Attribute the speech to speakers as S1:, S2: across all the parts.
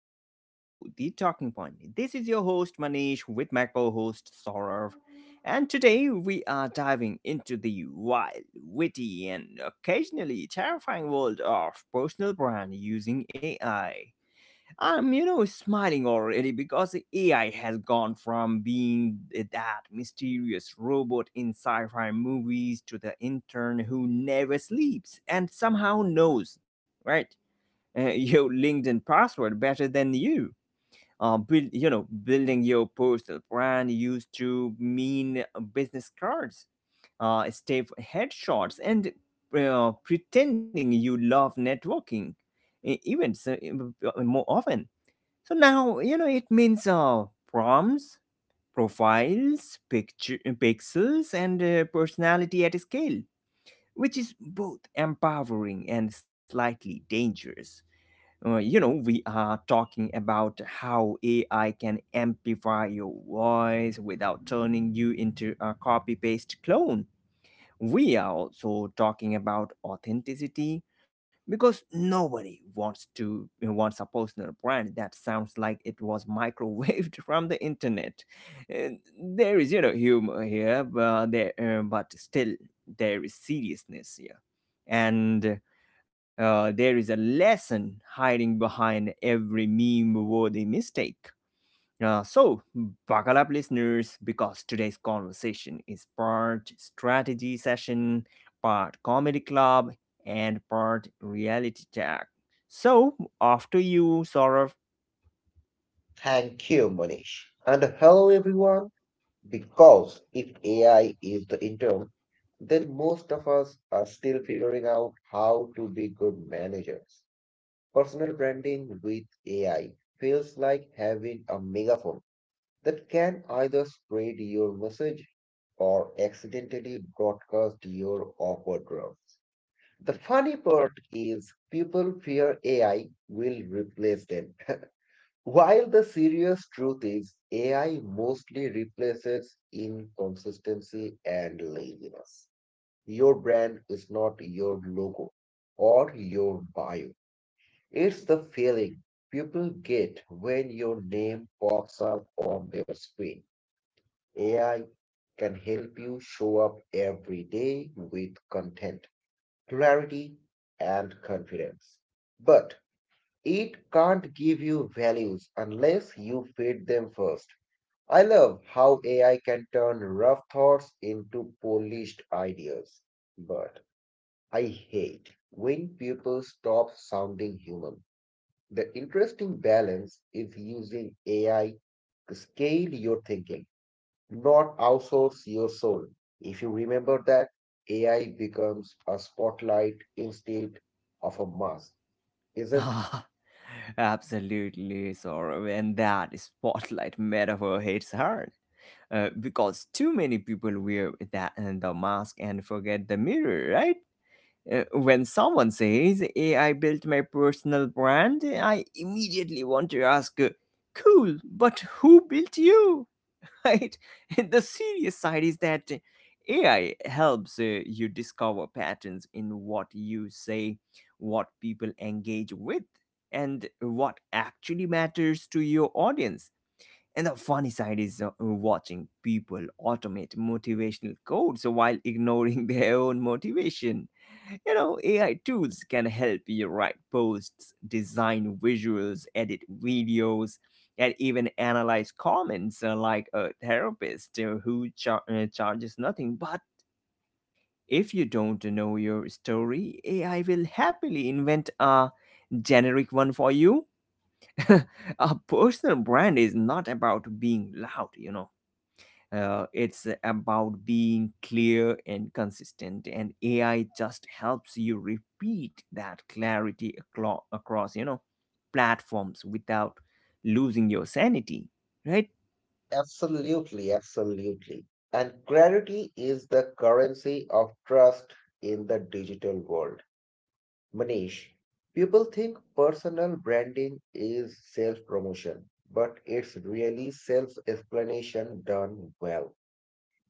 S1: in our show, The Talking Point. This is your host, Manish, with my co host, Saurav. And today we are diving into the wild, witty, and occasionally terrifying world of personal brand using AI. I'm smiling already because AI has gone from being that mysterious robot in sci fi movies to the intern who never sleeps and somehow knows, right? Your LinkedIn password better than you. Building your personal brand used to mean business cards, stiff headshots, and pretending you love networking events more often. So now, it means prompts, profiles, picture, pixels, and personality at scale, which is both empowering and slightly dangerous. We are talking about how AI can amplify your voice without turning you into a copy paste clone. We are also talking about authenticity because nobody wants a personal brand that sounds like it was microwaved from the internet. And there is humor here, but still there is seriousness here, and there is a lesson hiding behind every meme-worthy mistake. So, buckle up, listeners, because today's conversation is part strategy session, part comedy club, and part reality check. So, after you, Saurav.
S2: Thank you, Manish. And hello, everyone. Because if AI is the intern, then most of us are still figuring out how to be good managers. Personal branding with AI feels like having a megaphone that can either spread your message or accidentally broadcast your awkward drafts. The funny part is people fear AI will replace them. While the serious truth is AI mostly replaces inconsistency and laziness. Your brand is not your logo or your bio. It's the feeling people get when your name pops up on their screen. AI can help you show up every day with content, clarity, and confidence. But it can't give you values unless you feed them first. I love how AI can turn rough thoughts into polished ideas. But I hate when people stop sounding human. The interesting balance is using AI to scale your thinking, not outsource your soul. If you remember that, AI becomes a spotlight instead of a mask, isn't.
S1: Absolutely, Saurav. And that spotlight metaphor hits hard. Because too many people wear that and the mask and forget the mirror, right? When someone says AI built my personal brand, I immediately want to ask, cool, but who built you? Right? The serious side is that AI helps you discover patterns in what you say, what people engage with, and what actually matters to your audience. And the funny side is watching people automate motivational codes while ignoring their own motivation. AI tools can help you write posts, design visuals, edit videos, and even analyze comments like a therapist who charges nothing. But if you don't know your story, AI will happily invent a generic one for you. A personal brand is not about being loud. It's about being clear and consistent, and AI just helps you repeat that clarity across platforms without losing your sanity, right?
S2: Absolutely, absolutely. And clarity is the currency of trust in the digital world. Manish, people think personal branding is self promotion, but it's really self explanation done well.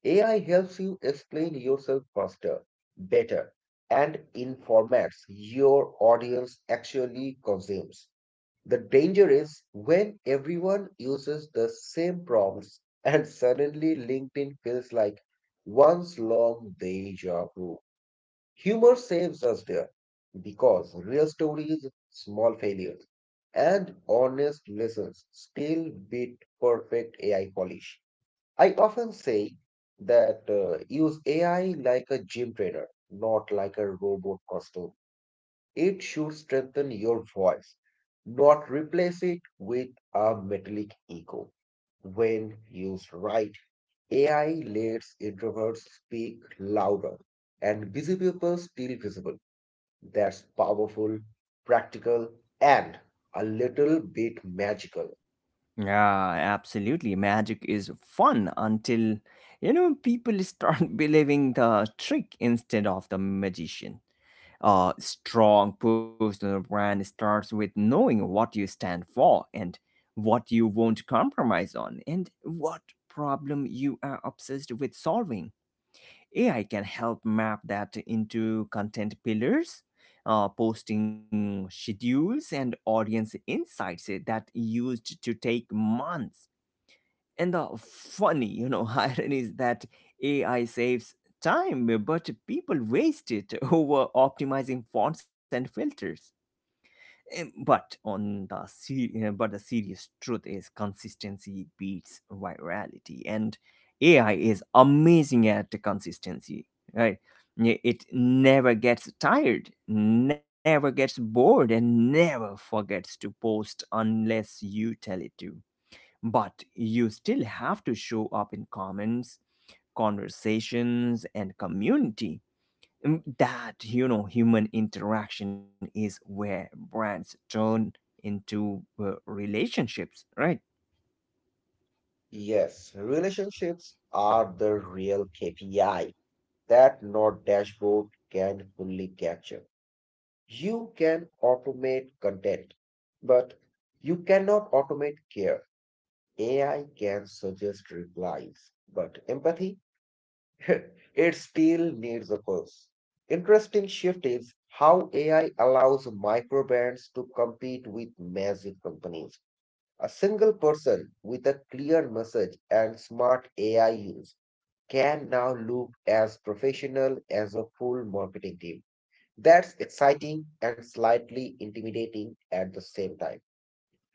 S2: AI helps you explain yourself faster, better, and in formats your audience actually consumes. The danger is when everyone uses the same prompts and suddenly LinkedIn feels like one's long deja vu. Humor saves us there because real stories, small failures, and honest lessons still beat perfect AI polish. I often say that use AI like a gym trainer, not like a robot costume. It should strengthen your voice, not replace it with a metallic echo. When used right, AI lets introverts speak louder and busy people still visible. That's powerful, practical, and a little bit magical.
S1: Yeah, absolutely. Magic is fun until people start believing the trick instead of the magician. A strong personal brand starts with knowing what you stand for and what you won't compromise on and what problem you are obsessed with solving. AI can help map that into content pillars, posting schedules, and audience insights that used to take months. And the funny irony is that AI saves time, but people waste it over optimizing fonts and filters. But the serious truth is consistency beats virality, and AI is amazing at consistency, right? Yeah, it never gets tired, never gets bored, and never forgets to post unless you tell it to. But you still have to show up in comments, conversations, and community. That human interaction is where brands turn into relationships, right?
S2: Yes, relationships are the real KPI that no dashboard can fully capture. You can automate content, but you cannot automate care. AI can suggest replies, but empathy, it still needs a pulse. Interesting shift is how AI allows microbrands to compete with massive companies. A single person with a clear message and smart AI use can now look as professional as a full marketing team. That's exciting and slightly intimidating at the same time.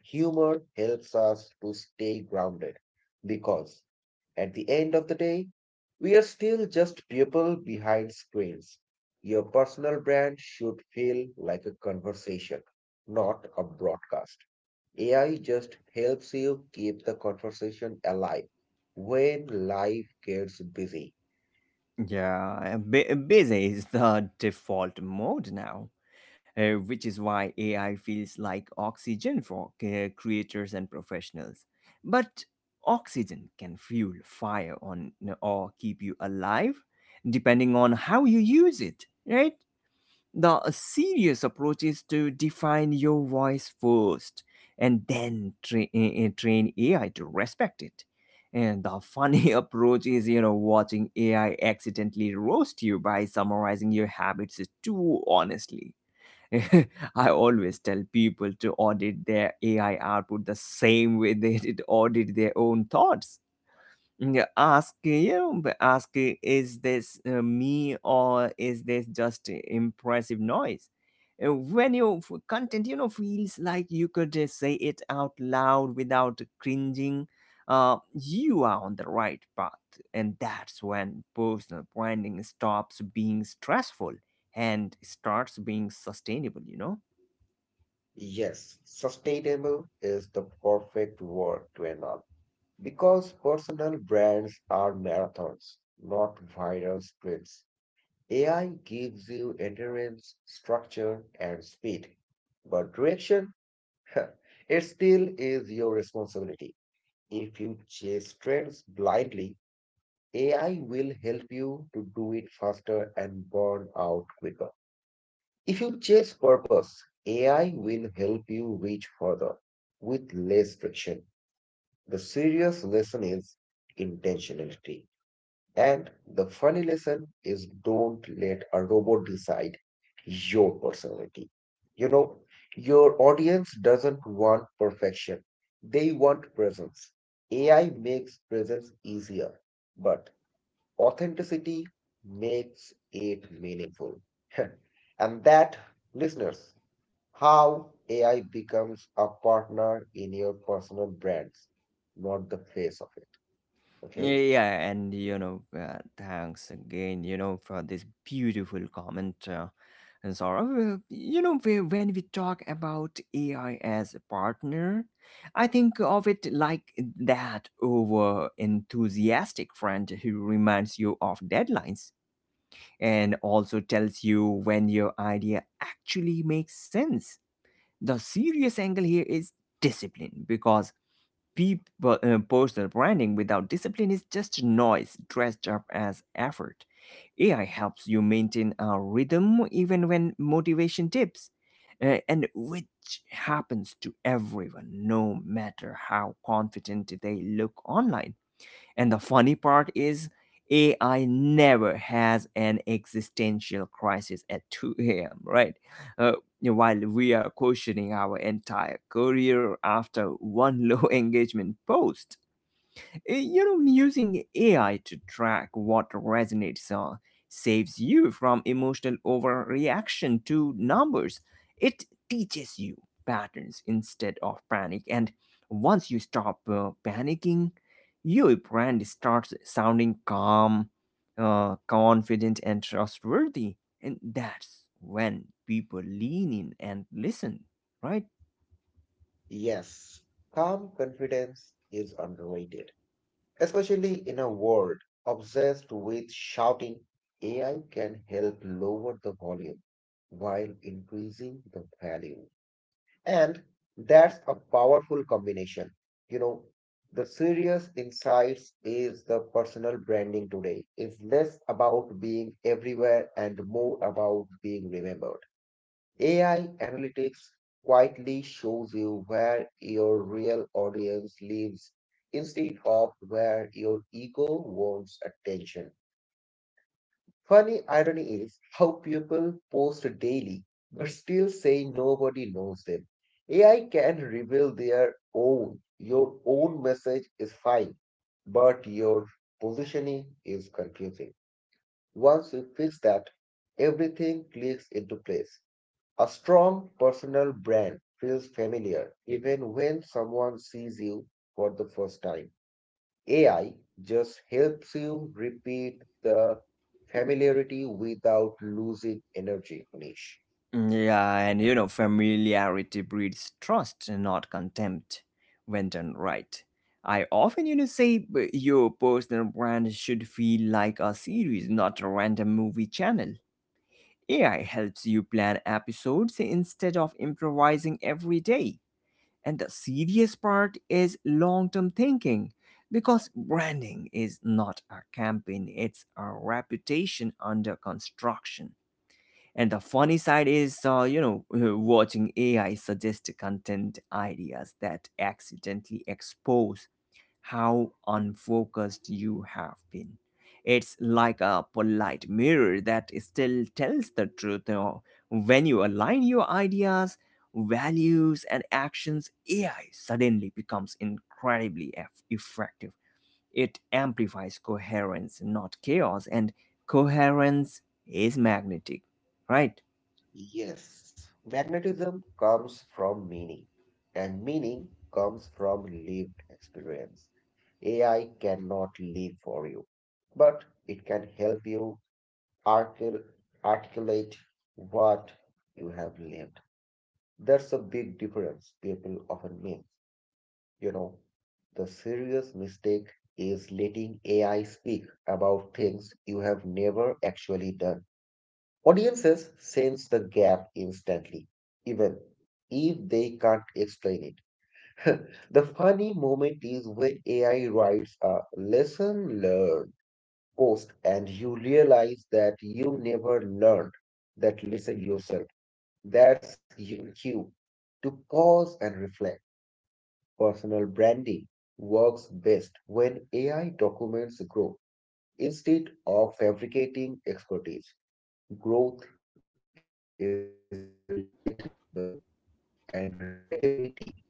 S2: Humor helps us to stay grounded because at the end of the day, we are still just people behind screens. Your personal brand should feel like a conversation, not a broadcast. AI just helps you keep the conversation alive when life gets busy.
S1: Yeah, busy is the default mode now. Which is why AI feels like oxygen for creators and professionals. But oxygen can fuel fire on or keep you alive depending on how you use it, right? The serious approach is to define your voice first and then train AI to respect it. And the funny approach is watching AI accidentally roast you by summarizing your habits too honestly. I always tell people to audit their AI output the same way they did audit their own thoughts. Yeah, ask, is this me or is this just impressive noise. When your content feels like you could just say it out loud without cringing, uh, you are on the right path, and that's when personal branding stops being stressful and starts being sustainable.
S2: Yes, sustainable is the perfect word to announce. Because personal brands are marathons, not viral sprints. AI gives you endurance, structure, and speed. But direction, it still is your responsibility. If you chase trends blindly, AI will help you to do it faster and burn out quicker. If you chase purpose, AI will help you reach further with less friction. The serious lesson is intentionality. And the funny lesson is don't let a robot decide your personality. You know, your audience doesn't want perfection, they want presence. AI makes presence easier, but authenticity makes it meaningful. And that, listeners, how AI becomes a partner in your personal brands, not the face of it. Okay.
S1: Yeah, and thanks again, for this beautiful comment. And Saurav, when we talk about AI as a partner, I think of it like that over enthusiastic friend who reminds you of deadlines and also tells you when your idea actually makes sense. The serious angle here is discipline because personal branding without discipline is just noise dressed up as effort. AI helps you maintain a rhythm even when motivation dips, and which happens to everyone, no matter how confident they look online. And the funny part is, AI never has an existential crisis at 2 a.m., right? Uh, while we are questioning our entire career after one low engagement post. Using AI to track what resonates saves you from emotional overreaction to numbers. It teaches you patterns instead of panic. And once you stop panicking, your brand starts sounding calm, confident, and trustworthy. And that's when people lean in and listen, right?
S2: Yes, calm confidence is underrated, especially in a world obsessed with shouting. AI can help lower the volume while increasing the value. And that's a powerful combination. You know, the serious insights is the personal branding today is less about being everywhere and more about being remembered. AI analytics quietly shows you where your real audience lives instead of where your ego wants attention. Funny irony is how people post daily but still say nobody knows them. AI can reveal their own. Your own message is fine, but your positioning is confusing. Once you fix that, everything clicks into place. A strong personal brand feels familiar even when someone sees you for the first time. AI just helps you repeat the familiarity without losing energy, Nish.
S1: Mm, yeah, and familiarity breeds trust and not contempt when done right. I often say your personal brand should feel like a series, not a random movie channel. AI helps you plan episodes instead of improvising every day. And the serious part is long term thinking because branding is not a campaign, it's a reputation under construction. And the funny side is watching AI suggest content ideas that accidentally expose how unfocused you have been. It's like a polite mirror that still tells the truth. When you align your ideas, values, and actions, AI suddenly becomes incredibly effective. It amplifies coherence, not chaos, and coherence is magnetic, right?
S2: Yes, magnetism comes from meaning, and meaning comes from lived experience. AI cannot live for you, but it can help you articul- articulate what you have lived. That's a big difference people often make. You know, the serious mistake is letting AI speak about things you have never actually done. Audiences sense the gap instantly, even if they can't explain it. The funny moment is when AI writes a lesson learned post and you realize that you never learned that lesson yourself. That's your cue to pause and reflect. Personal branding works best when AI documents growth instead of fabricating expertise. Growth is relatable and relatability builds loyalty. You know,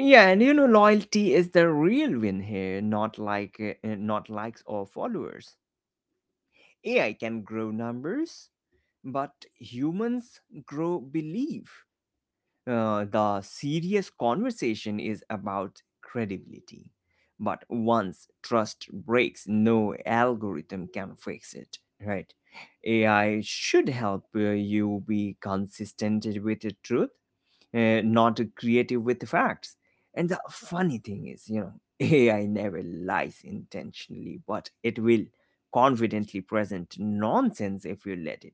S1: Yeah, and loyalty is the real win here, not likes or followers. AI can grow numbers, but humans grow belief. The serious conversation is about credibility. But once trust breaks, no algorithm can fix it, right? AI should help you be consistent with the truth, not creative with facts. And the funny thing is AI never lies intentionally, but it will confidently present nonsense if you let it.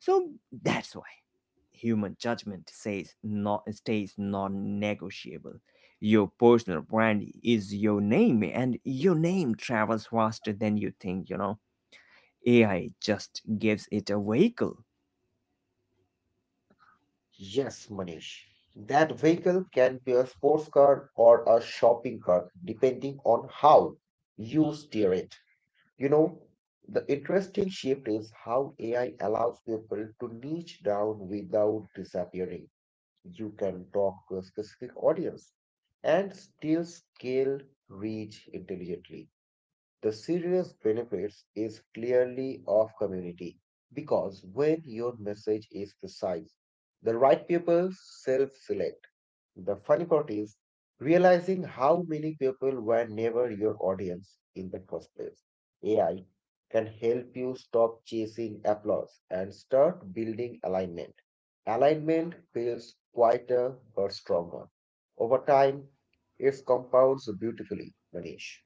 S1: So that's why human judgment says not stays non-negotiable. Your personal brand is your name, and your name travels faster than you think. AI just gives it a vehicle.
S2: yes, Manish. That vehicle can be a sports car or a shopping cart, depending on how you steer it. You know, the interesting shift is how AI allows people to niche down without disappearing. You can talk to a specific audience and still scale reach intelligently. The serious benefits is clearly of community because when your message is precise, the right people self select. The funny part is realizing how many people were never your audience in the first place. AI can help you stop chasing applause and start building alignment. Alignment feels quieter but stronger. Over time, it compounds beautifully, Manish.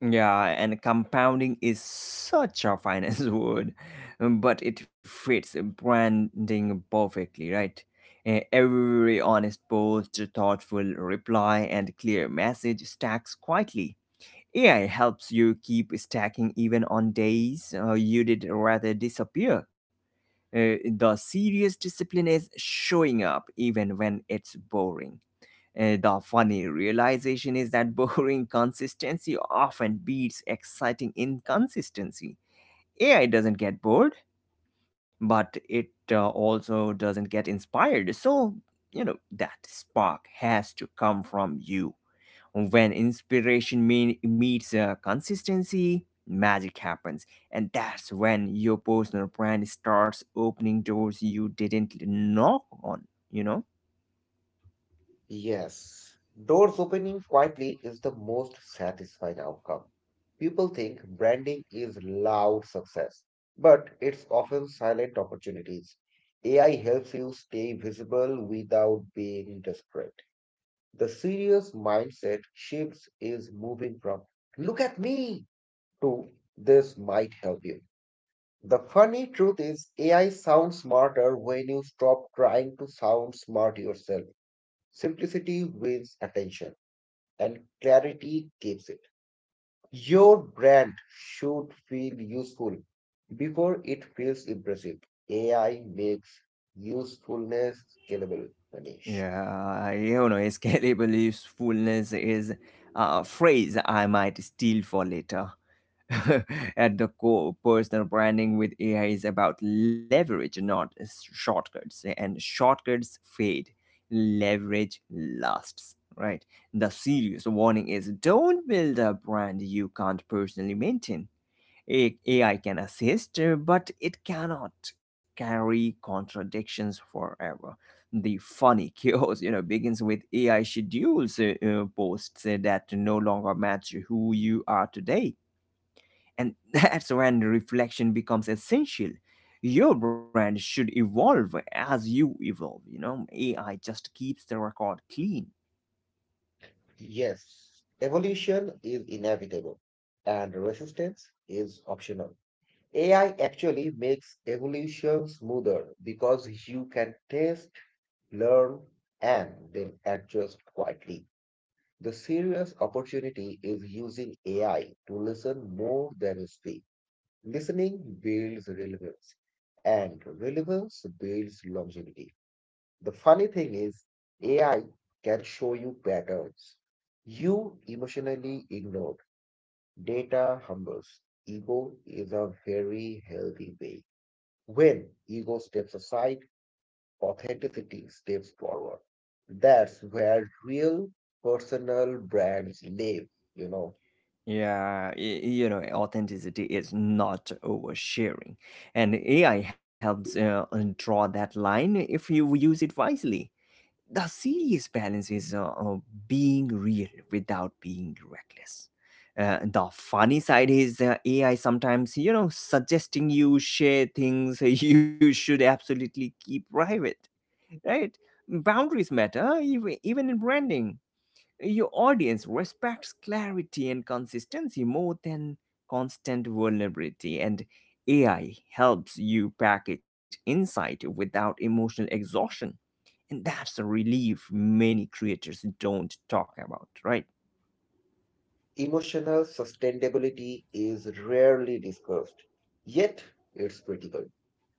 S1: Yeah, and compounding is such a finance word, but it fits branding perfectly, right? Every honest post, thoughtful reply, and clear message stacks quietly. AI helps you keep stacking even on days you did rather disappear. The serious discipline is showing up even when it's boring. The funny realization is that boring consistency often beats exciting inconsistency. AI doesn't get bored, but it also doesn't get inspired. So, that spark has to come from you. When inspiration meets consistency, magic happens. And that's when your personal brand starts opening doors you didn't knock on, you know?
S2: Yes. Doors opening quietly is the most satisfying outcome. People think branding is loud success, but it's often silent opportunities. AI helps you stay visible without being desperate. The serious mindset shifts is moving from look at me to this might help you. The funny truth is, AI sounds smarter when you stop trying to sound smart yourself. Simplicity wins attention, and clarity keeps it. Your brand should feel useful before it feels impressive. AI makes usefulness scalable, Manish.
S1: Yeah, scalable usefulness is a phrase I might steal for later. At the core, personal branding with AI is about leverage, not shortcuts. And shortcuts fade, leverage lasts, right? The serious warning is don't build a brand you can't personally maintain. AI can assist, but it cannot carry contradictions forever. The funny chaos begins with AI schedules posts that no longer match who you are today. And that's when reflection becomes essential. Your brand should evolve as you evolve. AI just keeps the record clean.
S2: Yes, evolution is inevitable, and resistance is optional. AI actually makes evolution smoother because you can test, learn, and then adjust quietly. The serious opportunity is using AI to listen more than speak. Listening builds relevance, and relevance builds longevity. The funny thing is, AI can show you patterns you emotionally ignored. Data humbles. Ego is a very healthy way when ego steps aside, authenticity steps forward. That's where real personal brands live, you know.
S1: Yeah, authenticity is not oversharing, and AI helps draw that line if you use it wisely. The serious balance is being real without being reckless. The funny side is AI sometimes suggesting you share things you should absolutely keep private, right? Boundaries matter, even in branding. Your audience respects clarity and consistency more than constant vulnerability, and AI helps you package insight without emotional exhaustion. And that's a relief many creators don't talk about, right?
S2: Emotional sustainability is rarely discussed, yet it's critical.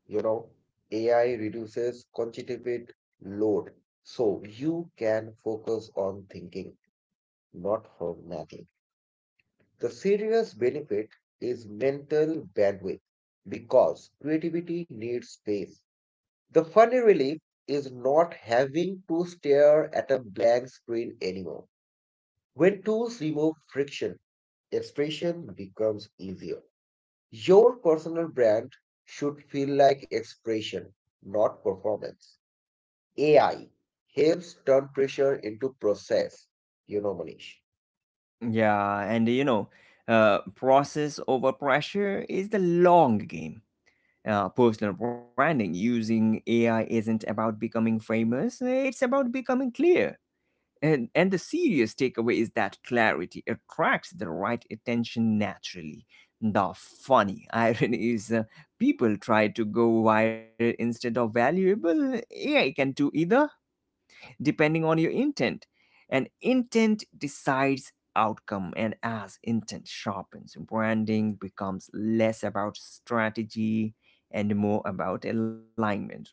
S2: You know, AI reduces quantitative load, so you can focus on thinking, not on mathing. The serious benefit is mental bandwidth because creativity needs space. The funny relief is not having to stare at a blank screen anymore. When tools remove friction, expression becomes easier. Your personal brand should feel like expression, not performance. AI helps turn pressure into process, you know, Manish.
S1: Yeah, and process over pressure is the long game. Personal branding using AI isn't about becoming famous, it's about becoming clear. And the serious takeaway is that clarity attracts the right attention naturally. The funny irony is people try to go viral instead of valuable. AI can do either, depending on your intent. And intent decides outcome, and as intent sharpens, branding becomes less about strategy and more about alignment, right?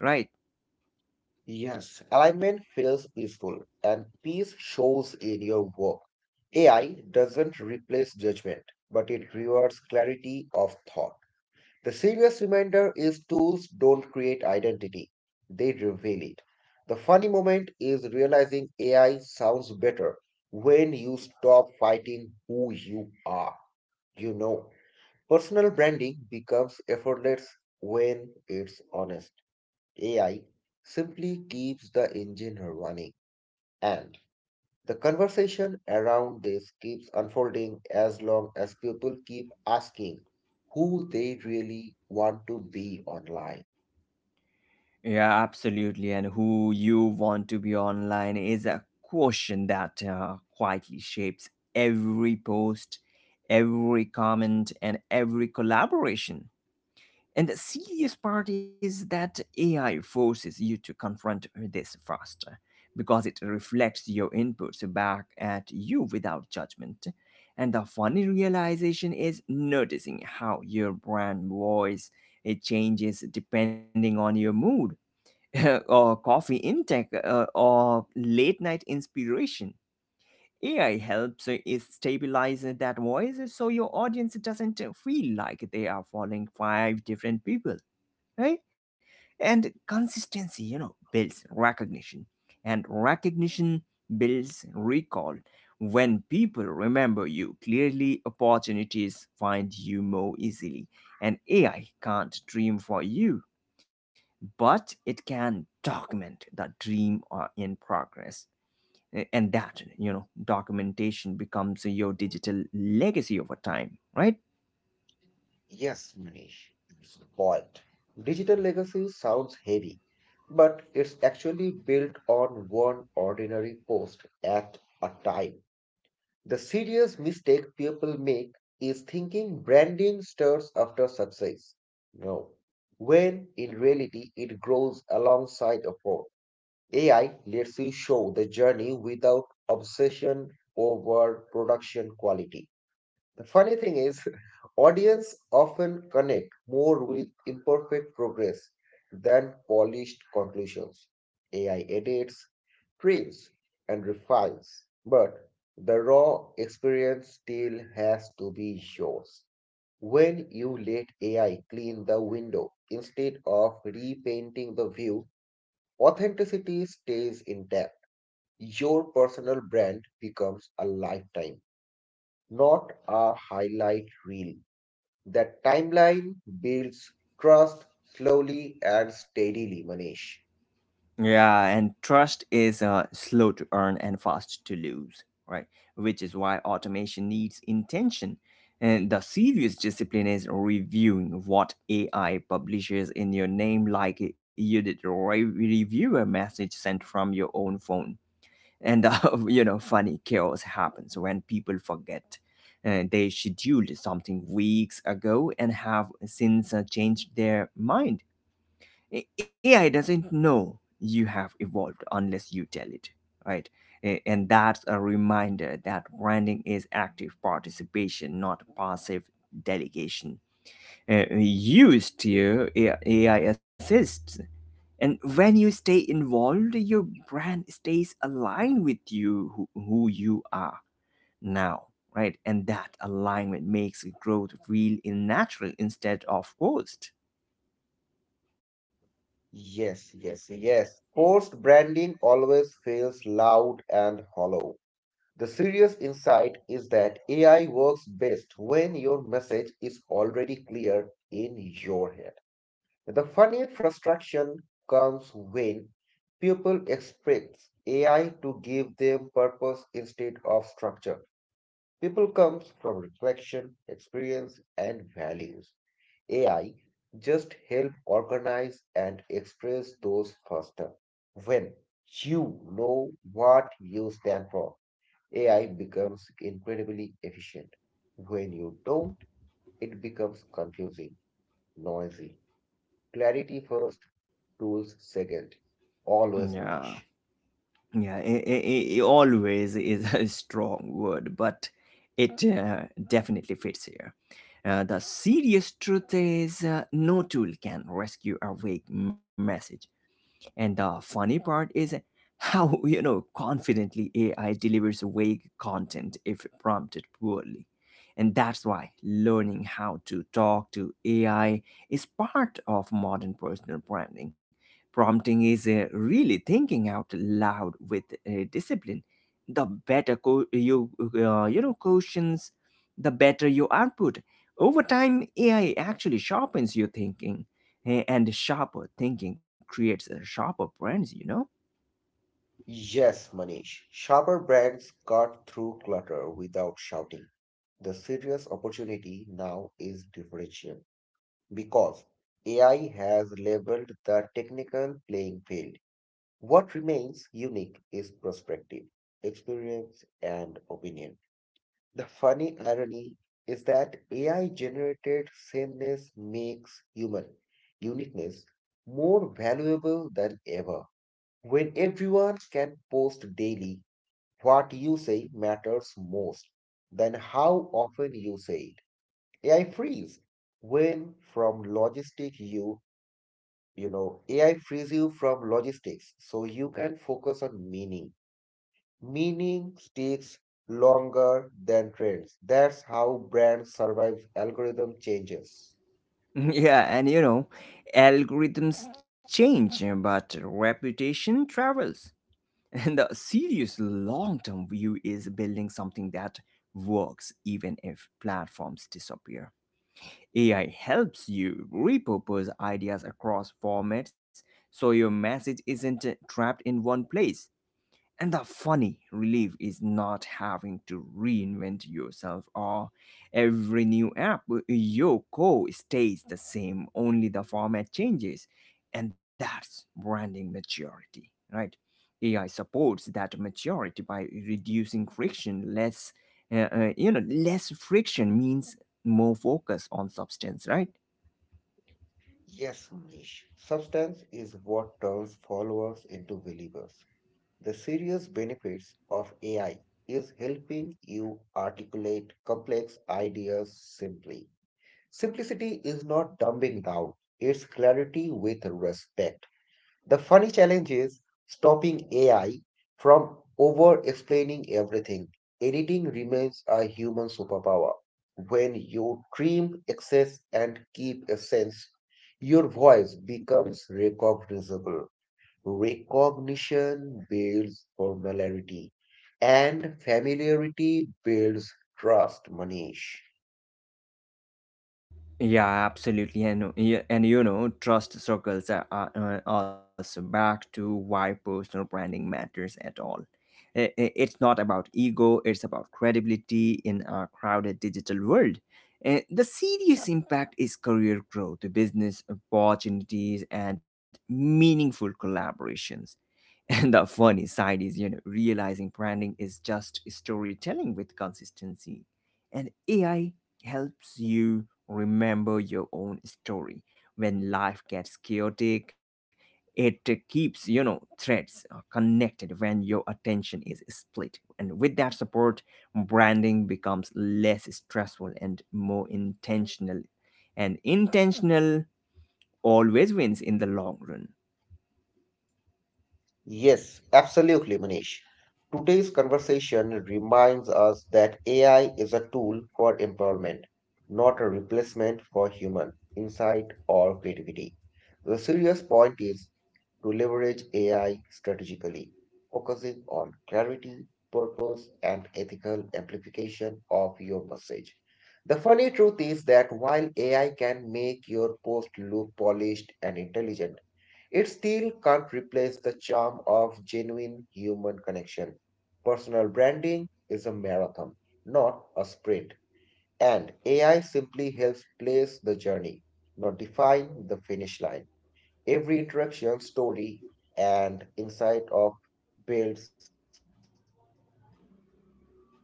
S2: Yes, alignment feels peaceful and peace shows in your work. AI doesn't replace judgment, but it rewards clarity of thought. The serious reminder is tools don't create identity, they reveal it. The funny moment is realizing AI sounds better when you stop fighting who you are. You know, personal branding becomes effortless when it's honest. AI simply keeps the engine running, and the conversation around this keeps unfolding as long as people keep asking who they really want to be online.
S1: Yeah, absolutely. And who you want to be online is a question that quietly shapes every post, every comment, and every collaboration. And the serious part is that AI forces you to confront this faster because it reflects your inputs back at you without judgment. And the funny realization is noticing how your brand voice it changes depending on your mood or coffee intake or late night inspiration. AI helps is stabilize that voice so your audience doesn't feel like they are following five different people, right? And consistency, you know, builds recognition, and recognition builds recall. When people remember you clearly, opportunities find you more easily, and AI can't dream for you, but it can document the dream in progress. And that, you know, documentation becomes your digital legacy over time, right?
S2: Yes, Manish, that's the point. Digital legacy sounds heavy, but it's actually built on one ordinary post at a time. The serious mistake people make is thinking branding starts after success. No. When in reality it grows alongside effort. AI lets you show the journey without obsession over production quality. The funny thing is, audience often connect more with imperfect progress than polished conclusions. AI edits, trims, and refines, but the raw experience still has to be yours. When you let AI clean the window instead of repainting the view, authenticity stays intact. Your personal brand becomes a lifetime, not a highlight reel. That timeline builds trust slowly and steadily, Manish.
S1: Yeah, and trust is slow to earn and fast to lose, right? Which is why automation needs intention, and the serious discipline is reviewing what AI publishes in your name, like you did review a message sent from your own phone. And you know, funny chaos happens when people forget they scheduled something weeks ago and have since changed their mind. AI doesn't know you have evolved unless you tell it, right? And that's a reminder that branding is active participation, not passive delegation. Used to AI assists, and when you stay involved your brand stays aligned with who you are now, right? And that alignment makes growth real and natural instead of forced.
S2: Yes, yes, yes. Forced branding always feels loud and hollow. The serious insight is that AI works best when your message is already clear in your head. The funnier frustration comes when people expect AI to give them purpose instead of structure. People comes from reflection, experience, and values. AI just help organize and express those faster. When you know what you stand for, AI becomes incredibly efficient. When you don't, it becomes confusing, noisy. Clarity first, tools second. Always,
S1: Yeah.
S2: Manish.
S1: Yeah, it always is a strong word, but it definitely fits here. The serious truth is no tool can rescue a vague message. And the funny part is how, you know, confidently AI delivers vague content if prompted poorly. And that's why learning how to talk to AI is part of modern personal branding. Prompting is really thinking out loud with discipline. The better questions, the better your output. Over time, AI actually sharpens your thinking. And sharper thinking creates a sharper brands, you know?
S2: Yes, Manish. Sharper brands cut through clutter without shouting. The serious opportunity now is differential because AI has leveled the technical playing field. What remains unique is perspective, experience, and opinion. The funny irony is that AI generated sameness makes human uniqueness more valuable than ever. When everyone can post daily, what you say matters most than how often you say. AI frees when from logistic you you know AI frees you from logistics so you can focus on meaning. Meaning sticks longer than trends. That's how brands survive algorithm changes.
S1: Yeah, and you know, algorithms change, eh, but reputation travels. And the serious long term view is building something that works even if platforms disappear. AI helps you repurpose ideas across formats so your message isn't trapped in one place. And the funny relief is not having to reinvent yourself or every new app. Your core stays the same, only the format changes. And that's branding maturity, right? AI supports that maturity by reducing friction. You know, less friction means more focus on substance, right?
S2: Yes, Manish. Substance is what turns followers into believers. The serious benefits of AI is helping you articulate complex ideas simply. Simplicity is not dumbing down, it's clarity with respect. The funny challenge is stopping AI from over explaining everything. Editing remains a human superpower. When you trim excess and keep essence, your voice becomes recognizable. Recognition builds familiarity, and familiarity builds trust, Manish.
S1: Yeah, absolutely, and yeah, and you know, trust circles are us back to why personal branding matters at all. It's not about ego; it's about credibility in our crowded digital world. The serious impact is career growth, business opportunities, and meaningful collaborations. And the funny side is, you know, realizing branding is just storytelling with consistency. And AI helps you remember your own story. When life gets chaotic, it keeps, you know, threads connected when your attention is split. And with that support, branding becomes less stressful and more intentional. And intentional always wins in the long run.
S2: Yes, absolutely, Manish. Today's conversation reminds us that AI is a tool for empowerment, not a replacement for human insight or creativity. The serious point is to leverage AI strategically, focusing on clarity, purpose, and ethical amplification of your message. The funny truth is that while AI can make your post look polished and intelligent, it still can't replace the charm of genuine human connection. Personal branding is a marathon, not a sprint, and AI simply helps place the journey, not define the finish line. Every interaction, story, and insight of builds, you know the intentional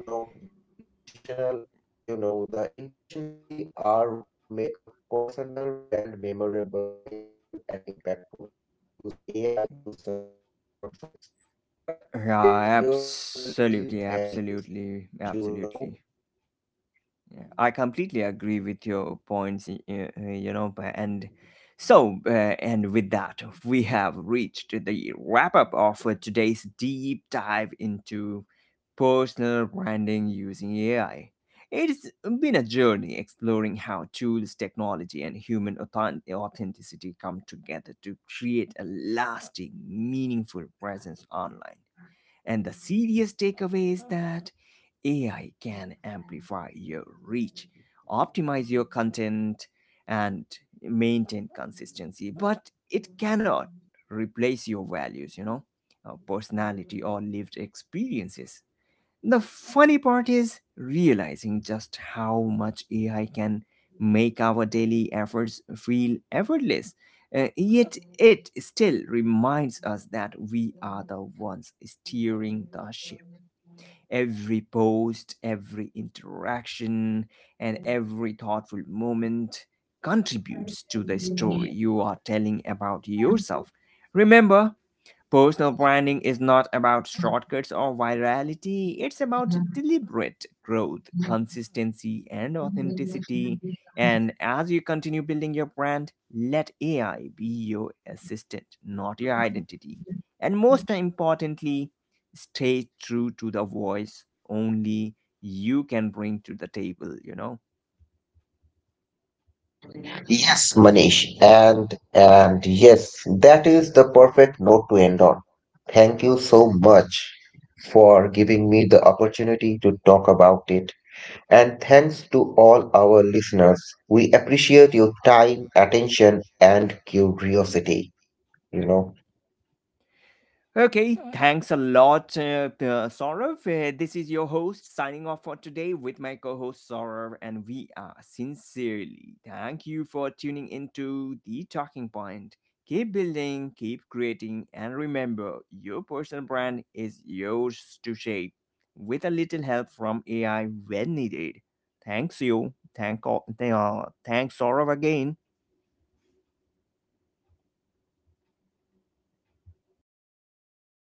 S2: the intentionally are what make a personal brand memorable, meaningful, and impactful. Use AI to support your process, but let your personality values,
S1: Yeah,
S2: you know
S1: absolutely, absolutely, absolutely. Yeah, I completely agree with your points, you know, and with that, we have reached the wrap up of today's deep dive into personal branding using AI. It's been a journey exploring how tools, technology, and human authenticity come together to create a lasting, meaningful presence online. And the serious takeaway is that AI can amplify your reach, optimize your content, and maintain consistency, but it cannot replace your values, you know, personality, or lived experiences. The funny part is realizing just how much AI can make our daily efforts feel effortless. Yet it still reminds us that we are the ones steering the ship. Every post, every interaction, and every thoughtful moment contributes to the story you are telling about yourself. Remember, personal branding is not about shortcuts or virality, it's about deliberate growth, consistency, and authenticity. And as you continue building your brand, let AI be your assistant, not your identity. And most importantly, stay true to the voice only you can bring to the table, you know?
S2: yes, Manish, and yes, that is the perfect note to end on. Thank you so much for giving me the opportunity to talk about it. And thanks to all our listeners. We appreciate your time, attention, and curiosity. You know.
S1: Okay, thanks a lot, Saurav. This is your host signing off for today with my co host Saurav, and we are sincerely thank you for tuning into The Talking Point. Keep building, keep creating, and remember your personal brand is yours to shape with a little help from AI when needed. Thanks, you. Thanks, Saurav, again.